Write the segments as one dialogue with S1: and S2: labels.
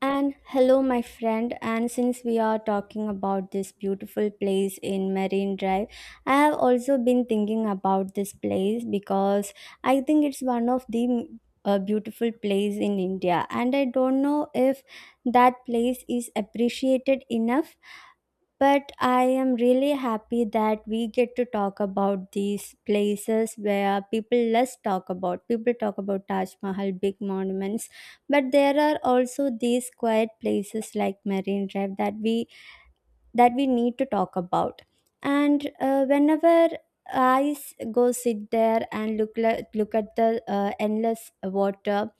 S1: And hello, my friend. And since we are talking about this beautiful place in Marine Drive, I have also been thinking about this place because I think it's one of the beautiful place in India. And I don't know if that place is appreciated enough but I am really happy that we get to talk about these places where people less talk about. People talk about Taj Mahal, big monuments, but there are also these quiet places like Marine Drive that we need to talk about. And whenever go sit there and look at the endless water,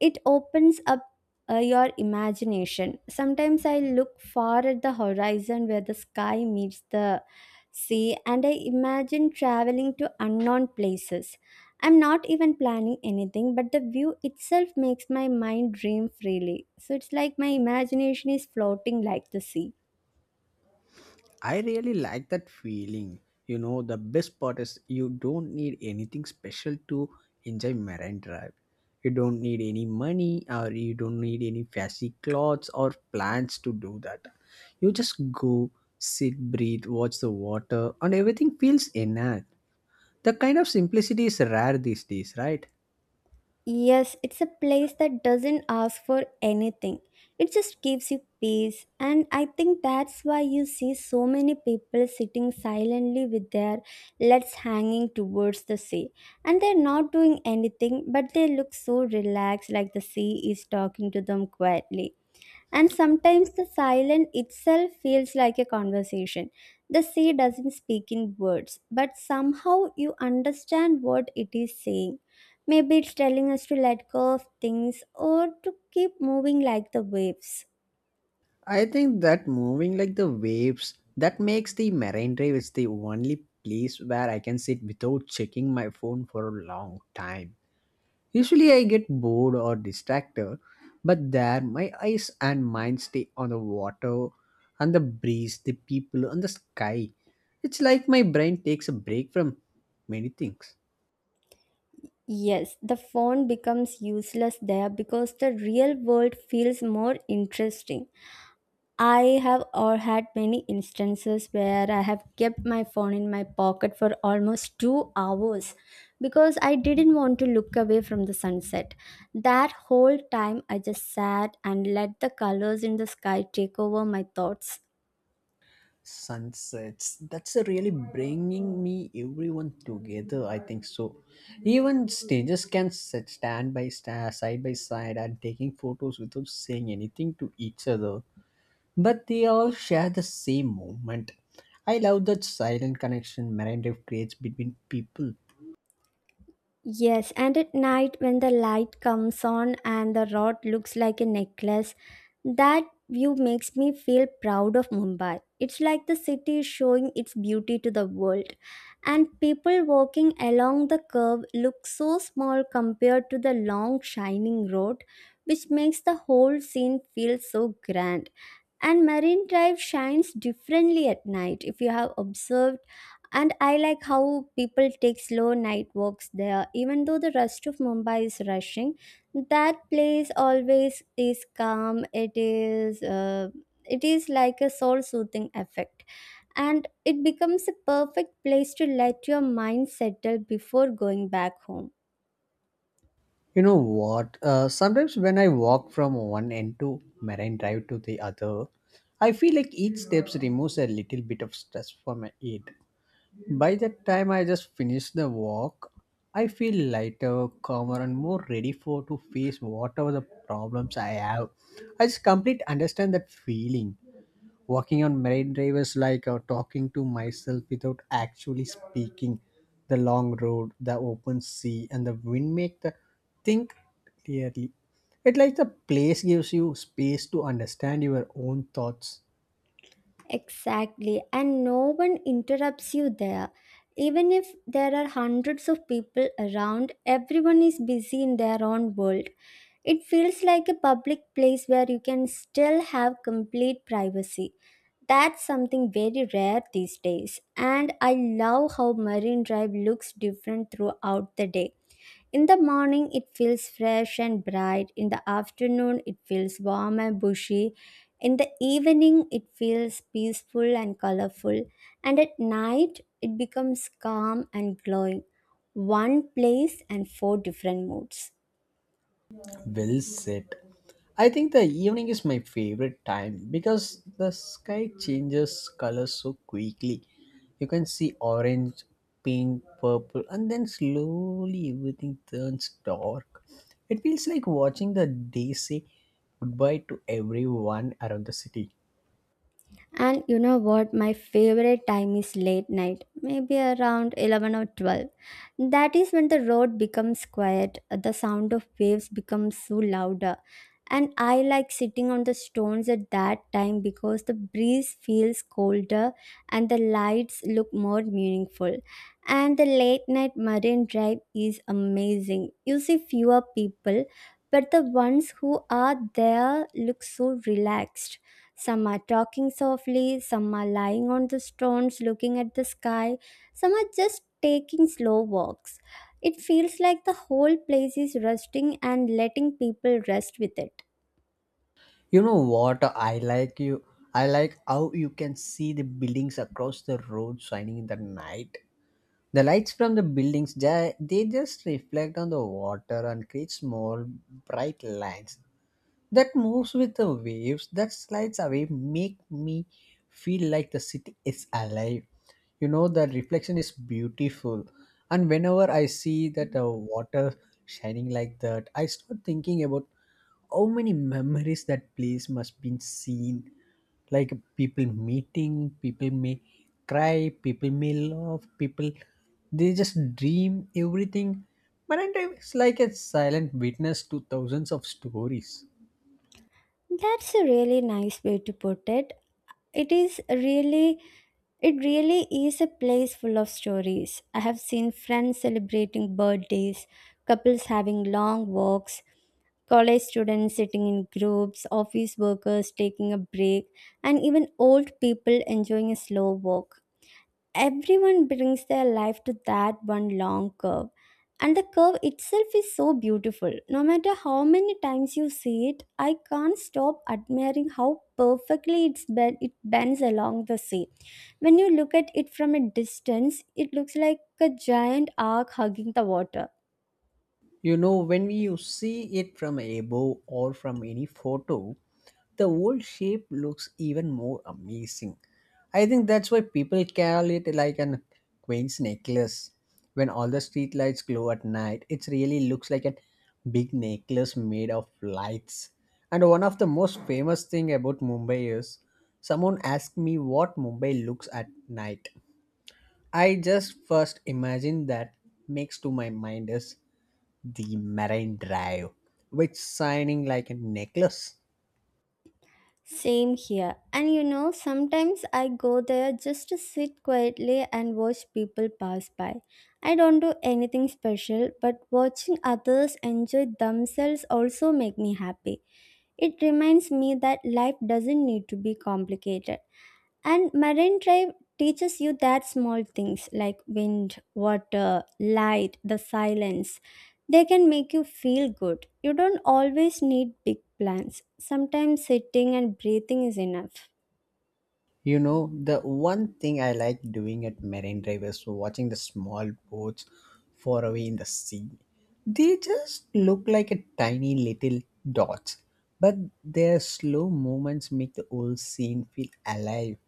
S1: it opens up your imagination. Sometimes I look far at the horizon where the sky meets the sea and I imagine traveling to unknown places. I'm not even planning anything, but the view itself makes my mind dream freely. So it's like my imagination is floating like the sea.
S2: I really like that feeling. You know, the best part is you don't need anything special to enjoy Marine Drive. You don't need any money or you don't need any fancy clothes or plans to do that. You just go, sit, breathe, watch the water, and everything feels inert. The kind of simplicity is rare these days, right?
S1: Yes, it's a place that doesn't ask for anything. It just gives you peace. And I think that's why you see so many people sitting silently with their legs hanging towards the sea. And they're not doing anything, but they look so relaxed, like the sea is talking to them quietly. And sometimes the silence itself feels like a conversation. The sea doesn't speak in words, but somehow you understand what it is saying. Maybe it's telling us to let go of things or to keep moving like the waves.
S2: I think that moving like the waves that makes the marine drive is the only place where I can sit without checking my phone for a long time. Usually I get bored or distracted, but there my eyes and mind stay on the water and the breeze, the people and the sky. It's like my brain takes a break from many things.
S1: Yes, the phone becomes useless there because the real world feels more interesting. I have or had many instances where I have kept my phone in my pocket for almost 2 hours because I didn't want to look away from the sunset. That whole time I just sat and let the colors in the sky take over my thoughts.
S2: Sunsets, that's a really bringing me everyone together, I think so. Even strangers can sit stand by stand side by side and taking photos without saying anything to each other, but they all share the same moment. I love that silent connection Marine Drive creates between people.
S1: Yes, and at night when the light comes on and the rod looks like a necklace, that view makes me feel proud of Mumbai. It's like the city is showing its beauty to the world. And people walking along the curve look so small compared to the long shining road, which makes the whole scene feel so grand. And Marine Drive shines differently at night if you have observed. And I like how people take slow night walks there even though the rest of Mumbai is rushing. That place always is calm. It is like a soul soothing effect, and it becomes a perfect place to let your mind settle before going back home.
S2: You know what, sometimes when I walk from one end to Marine Drive to the other, I feel like each steps removes a little bit of stress from my head. By that time I just finished the walk, I feel lighter, calmer, and more ready for to face whatever the problems I have. I just complete understand that feeling. Walking on Marine Drive is like talking to myself without actually speaking. The long road, the open sea, and the wind make the think clearly. It like the place gives you space to understand your own thoughts.
S1: Exactly, and no one interrupts you there. Even if there are hundreds of people around, everyone is busy in their own world. It feels like a public place where you can still have complete privacy. That's something very rare these days, and I love how Marine Drive looks different throughout the day. In the morning, it feels fresh and bright. In the afternoon, it feels warm and bushy. In the evening, it feels peaceful and colorful. And at night, it becomes calm and glowing. One place and four different moods.
S2: Well said. I think the evening is my favorite time because the sky changes colors so quickly. You can see orange, pink, purple, and then slowly everything turns dark. It feels like watching the day say goodbye to everyone around the city.
S1: And you know what? My favorite time is late night, maybe around 11 or 12. That is when the road becomes quiet, the sound of waves becomes so louder. And I like sitting on the stones at that time because the breeze feels colder and the lights look more meaningful. And the late night Marine Drive is amazing. You see fewer people, but the ones who are there look so relaxed. Some are talking softly, some are lying on the stones looking at the sky, some are just taking slow walks. It feels like the whole place is resting and letting people rest with it.
S2: You know what? I like you. I like how you can see the buildings across the road shining in the night. The lights from the buildings they just reflect on the water and create small bright lines that moves with the waves that slides away make me feel like the city is alive. You know the reflection is beautiful. And whenever I see that water shining like that, I start thinking about how many memories that place must been seen, like people meeting people, may cry, people may love people, they just dream everything. Marantime is like a silent witness to thousands of stories.
S1: That's a really nice way to put it. It is really it really is a place full of stories. I have seen friends celebrating birthdays, couples having long walks, college students sitting in groups, office workers taking a break, and even old people enjoying a slow walk. Everyone brings their life to that one long curve, and the curve itself is so beautiful. No matter how many times you see it, I can't stop admiring how perfectly it bends along the sea. When you look at it from a distance, it looks like a giant arc hugging the water.
S2: You know when we you see it from above or from any photo, the old shape looks even more amazing. I think that's why people carry it like an queen's necklace. When all the street lights glow at night, it really looks like a big necklace made of lights. And one of the most famous thing about Mumbai is, someone asked me what Mumbai looks at night, I just first imagine that makes to my mind is the Marine Drive, which shining like a necklace.
S1: Same here. And you know, sometimes I go there just to sit quietly and watch people pass by. I don't do anything special, but watching others enjoy themselves also make me happy. It reminds me that life doesn't need to be complicated. And Marine Drive teaches you that small things like wind, water, light, the silence, they can make you feel good. You don't always need big plans. Sometimes sitting and breathing is enough.
S2: You know, the one thing I like doing at Marine Drive is watching the small boats far away in the sea. They just look like a tiny little dots, but their slow movements make the whole scene feel alive.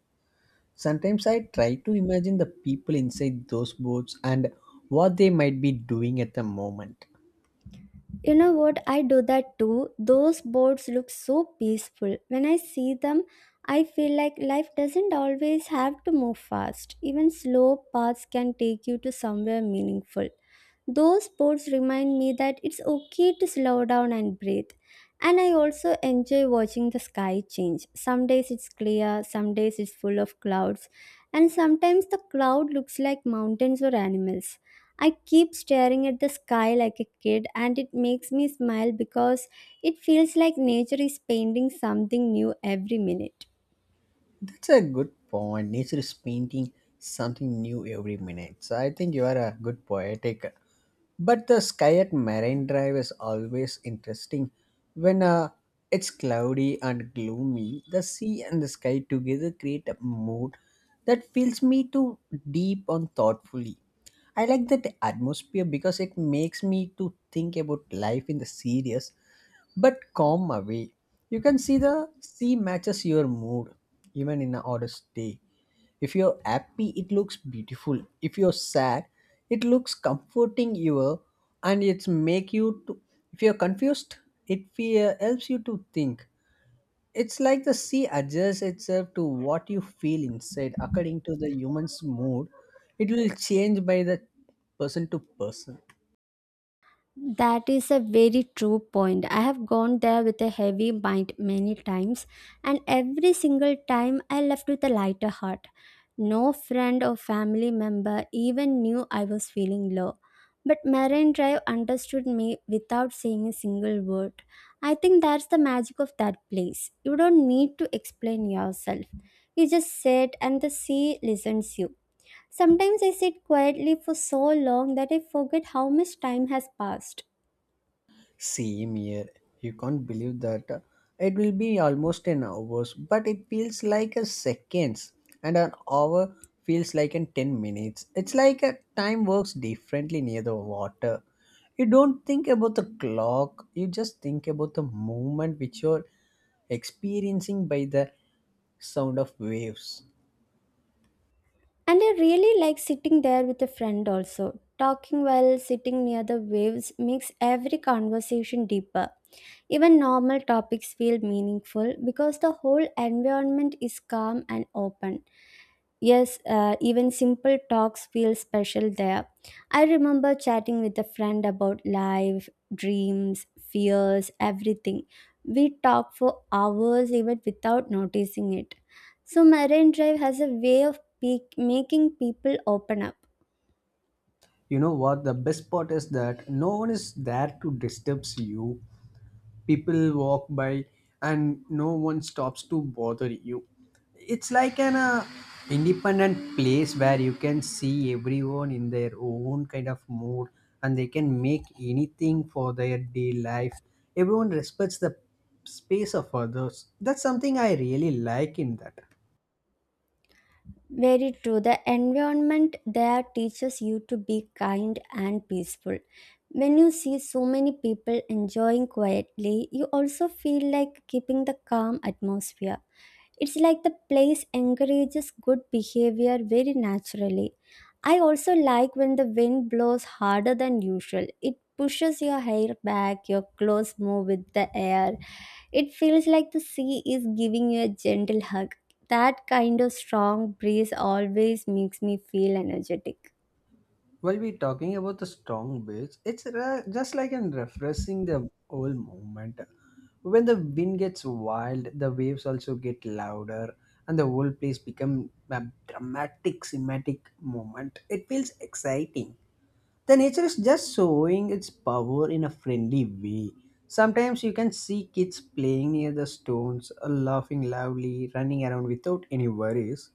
S2: Sometimes I try to imagine the people inside those boats and what they might be doing at the moment.
S1: You know what? I do that too. Those boats look so peaceful. When I see them, I feel like life doesn't always have to move fast. Even slow paths can take you to somewhere meaningful. Those boats remind me that it's okay to slow down and breathe. And I also enjoy watching the sky change. Some days it's clear, some days it's full of clouds, and sometimes the cloud looks like mountains or animals. I keep staring at the sky like a kid, and it makes me smile because it feels like nature is painting something new every minute.
S2: That's a good point. Nature is painting something new every minute. So I think you are a good poetic. But the sky at Marine Drive is always interesting. When it's cloudy and gloomy, the sea and the sky together create a mood that fills me to deep and thoughtfully. I like that atmosphere because it makes me to think about life in the serious but calm way. You can see the sea matches your mood even in a oddest day. If you're happy, it looks beautiful. If you're sad, it looks comforting you, and it's make you to, if you're confused, it fear helps you to think. It's like the sea adjusts itself to what you feel inside according to the human's mood. It will change by the person to person.
S1: That is a very true point. I have gone there with a heavy mind many times, and every single time I left with a lighter heart. No friend or family member even knew I was feeling low. But Marine Drive understood me without saying a single word. I think that's the magic of that place. You don't need to explain yourself. You just sit and the sea listens you. Sometimes I sit quietly for so long that I forget how much time has passed.
S2: Same here. You can't believe that it will be almost an hour, but it feels like a seconds, and an hour feels like in 10 minutes. It's like a time works differently near the water. You don't think about the clock, you just think about the moment which you're experiencing by the sound of waves.
S1: And I really like sitting there with a friend also. Talking while sitting near the waves makes every conversation deeper. Even normal topics feel meaningful because the whole environment is calm and open. Yes, even simple talks feel special there. I remember chatting with a friend about life, dreams, fears, everything. We talked for hours even without noticing it. So, Marine Drive has a way of making people open up.
S2: You know what? The best part is that no one is there to disturb you. People walk by and no one stops to bother you. It's like an independent place where you can see everyone in their own kind of mood, and they can make anything for their day life. Everyone respects the space of others. That's something I really like in that.
S1: Very true. The environment there teaches you to be kind and peaceful. When you see so many people enjoying quietly, you also feel like keeping the calm atmosphere. It's like the place encourages good behavior very naturally. I also like when the wind blows harder than usual. It pushes your hair back, your clothes move with the air. It feels like the sea is giving you a gentle hug. That kind of strong breeze always makes me feel energetic.
S2: While we're talking about the strong beach, just like in refreshing the whole moment. When the wind gets wild, the waves also get louder, and the whole place become a dramatic, cinematic moment. It feels exciting. The nature is just showing its power in a friendly way. Sometimes you can see kids playing near the stones, or laughing loudly, running around without any worries.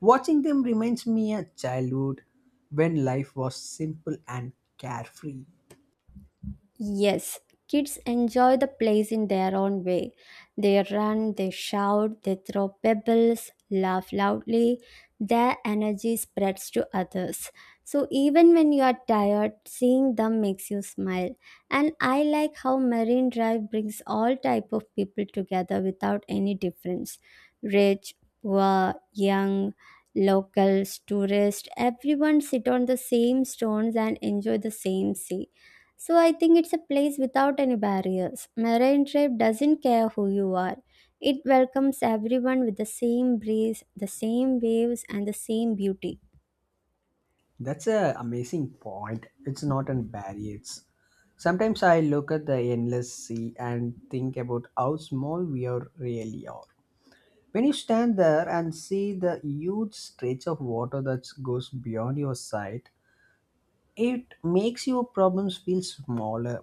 S2: Watching them reminds me of childhood when life was simple and carefree.
S1: Yes, kids enjoy the plays in their own way. They run, they shout, they throw pebbles, laugh loudly. Their energy spreads to others. So even when you are tired, seeing them makes you smile. And I like how Marine Drive brings all type of people together without any difference. Rich, poor, young, locals, tourists, everyone sit on the same stones and enjoy the same sea. So I think it's a place without any barriers. Marine Drive doesn't care who you are. It welcomes everyone with the same breeze, the same waves, and the same beauty.
S2: That's a amazing point. It's not an barrier. It's- Sometimes I look at the endless sea and think about how small we are really are. When you stand there and see the huge stretch of water that goes beyond your sight, it makes your problems feel smaller.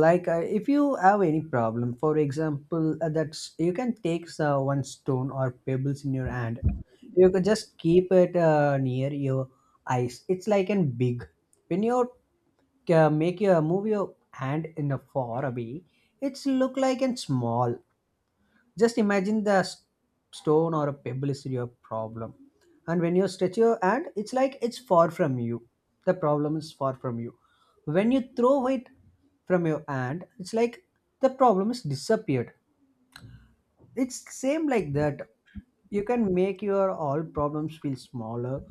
S2: Like if you have any problem, for example, that's you can take one stone or pebbles in your hand, you can just keep it near your eyes, it's like an big. When you make your move your hand in a far away, it's look like and small. Just imagine the stone or a pebble is your problem. And when you stretch your hand, it's like it's far from you. The problem is far from you. When you throw it from your hand, it's like the problem is disappeared. It's same like that. You can make your all problems feel smaller.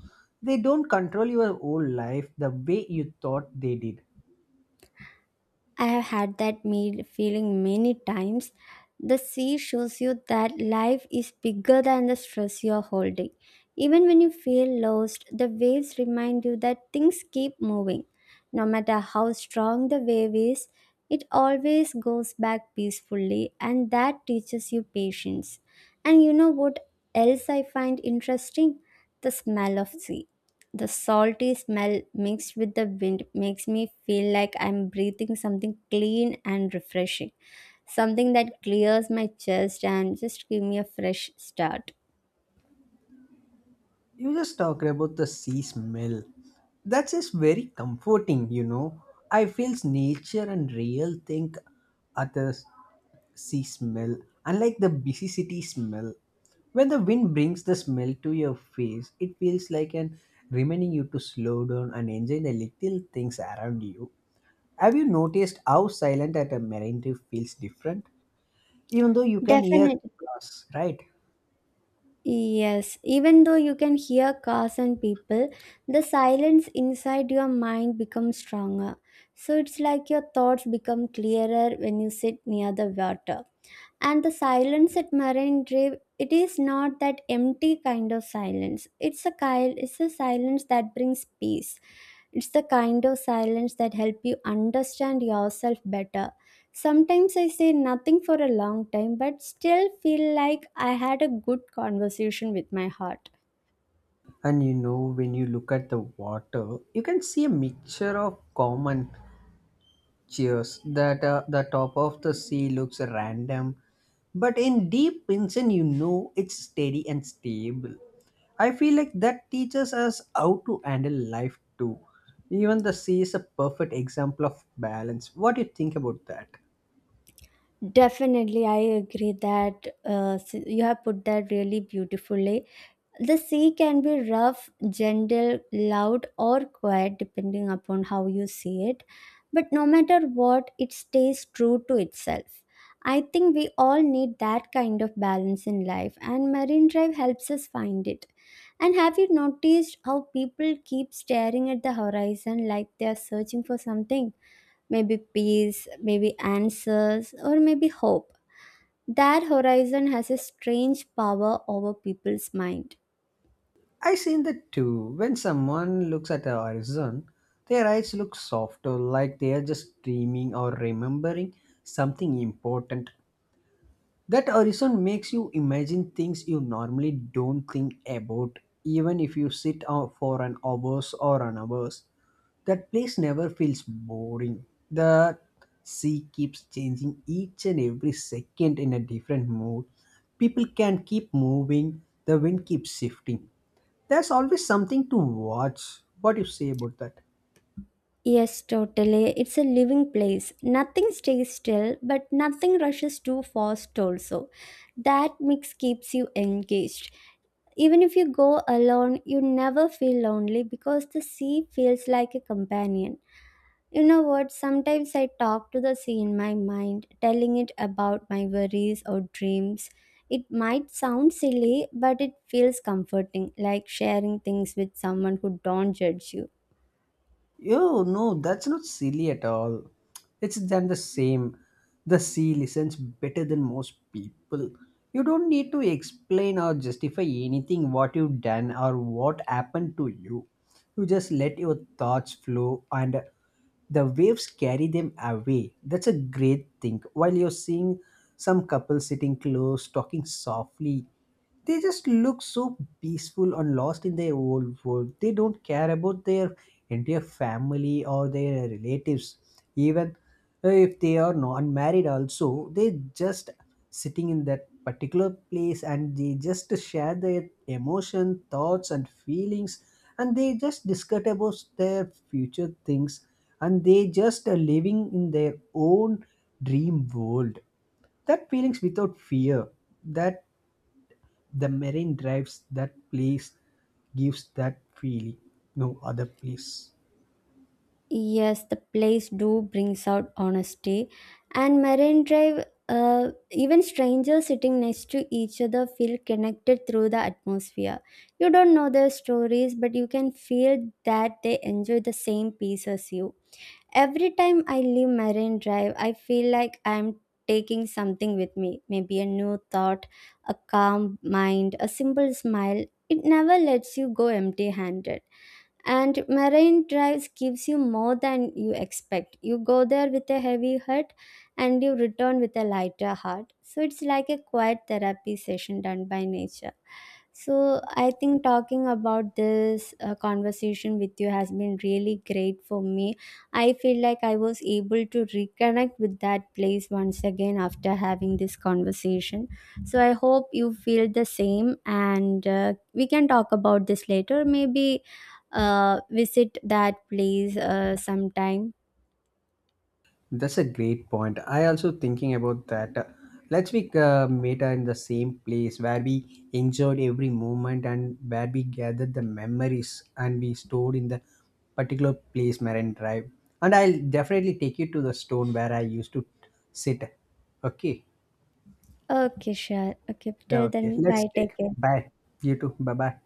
S2: They don't control your whole life the way you thought they did.
S1: I have had that feeling many times. The sea shows you that life is bigger than the stress you're holding. Even when you feel lost, the waves remind you that things keep moving. No matter how strong the wave is, it always goes back peacefully, and that teaches you patience. And you know what else I find interesting? The smell of sea. The salty smell mixed with the wind makes me feel like I'm breathing something clean and refreshing, something that clears my chest and just give me a fresh start.
S2: You just talked about the sea smell. That's just very comforting, you know. I feels nature and real thing at the sea smell, unlike the busy city smell. When the wind brings the smell to your face, it feels like an reminding you to slow down and enjoy the little things around you. Have you noticed how silent at a marine reef feels different, even though you can hear
S1: Definitely.
S2: us, right?
S1: Yes, even though you can hear cars and people, the silence inside your mind becomes stronger. So it's like your thoughts become clearer when you sit near the water. And the silence at Marine Drive, it is not that empty kind of silence. It's a kind, it's a silence that brings peace. It's the kind of silence that help you understand yourself better. Sometimes I say nothing for a long time but still feel like I had a good conversation with my heart.
S2: And you know, when you look at the water, you can see a mixture of common cheers that the top of the sea looks random, but in deep Pinson, you know it's steady and stable. I feel like that teaches us how to handle life too. Even the sea is a perfect example of balance. What do you think about that?
S1: Definitely, I agree that you have put that really beautifully. The sea can be rough, gentle, loud, or quiet depending upon how you see it. But no matter what, it stays true to itself. I think we all need that kind of balance in life, and Marine Drive helps us find it. And have you noticed how people keep staring at the horizon like they are searching for something? Maybe peace, maybe answers, or maybe hope. That horizon has a strange power over people's mind.
S2: I've seen that too. When someone looks at the horizon, their eyes look softer, like they are just dreaming or remembering something important. That horizon makes you imagine things you normally don't think about, even if you sit out for an hours or an hours. That place never feels boring. The sea keeps changing each and every second in a different mood. People can keep moving, the wind keeps shifting, there's always something to watch. What do you say about that?
S1: Yes, totally. It's a living place. Nothing stays still, but nothing rushes too fast, also. That mix keeps you engaged. Even if you go alone, you never feel lonely because the sea feels like a companion. You know what? Sometimes I talk to the sea in my mind, telling it about my worries or dreams. It might sound silly, but it feels comforting, like sharing things with someone who don't judge you.
S2: Oh, no, that's not silly at all. It's than the same. The sea listens better than most people. You don't need to explain or justify anything what you've done or what happened to you. You just let your thoughts flow and the waves carry them away. That's a great thing. While you're seeing some couples sitting close, talking softly, they just look so peaceful and lost in their old world. They don't care about their entire family or their relatives, even if they are non-married also, they just sitting in that particular place and they just share their emotion thoughts and feelings, and they just discuss about their future things, and they just are living in their own dream world. That feelings without fear, that the marine drives, that place gives that feeling, no other place.
S1: Yes, the place do brings out honesty. And Marine Drive, even strangers sitting next to each other feel connected through the atmosphere. You don't know their stories, but you can feel that they enjoy the same piece as you. Every time I leave Marine Drive, I feel like I'm taking something with me, maybe a new thought, a calm mind, a simple smile. It never lets you go empty handed. And Marine drives gives you more than you expect. You go there with a heavy heart and you return with a lighter heart, so it's like a quiet therapy session done by nature. So I think talking about this conversation with you has been really great for me. I feel like I was able to reconnect with that place once again after having this conversation. So I hope you feel the same, and we can talk about this later, maybe visit that place sometime.
S2: That's a great point. I also thinking about that. Let's be meta in the same place where we enjoyed every moment and where we gathered the memories and we stored in the particular place Marine Drive. And I'll definitely take you to the stone where I used to sit. Okay.
S1: Okay, sure. Okay,
S2: Yeah.
S1: till
S2: Okay.
S1: then,
S2: Let's
S1: bye.
S2: take.
S1: Take care.
S2: Bye. You too. Bye bye.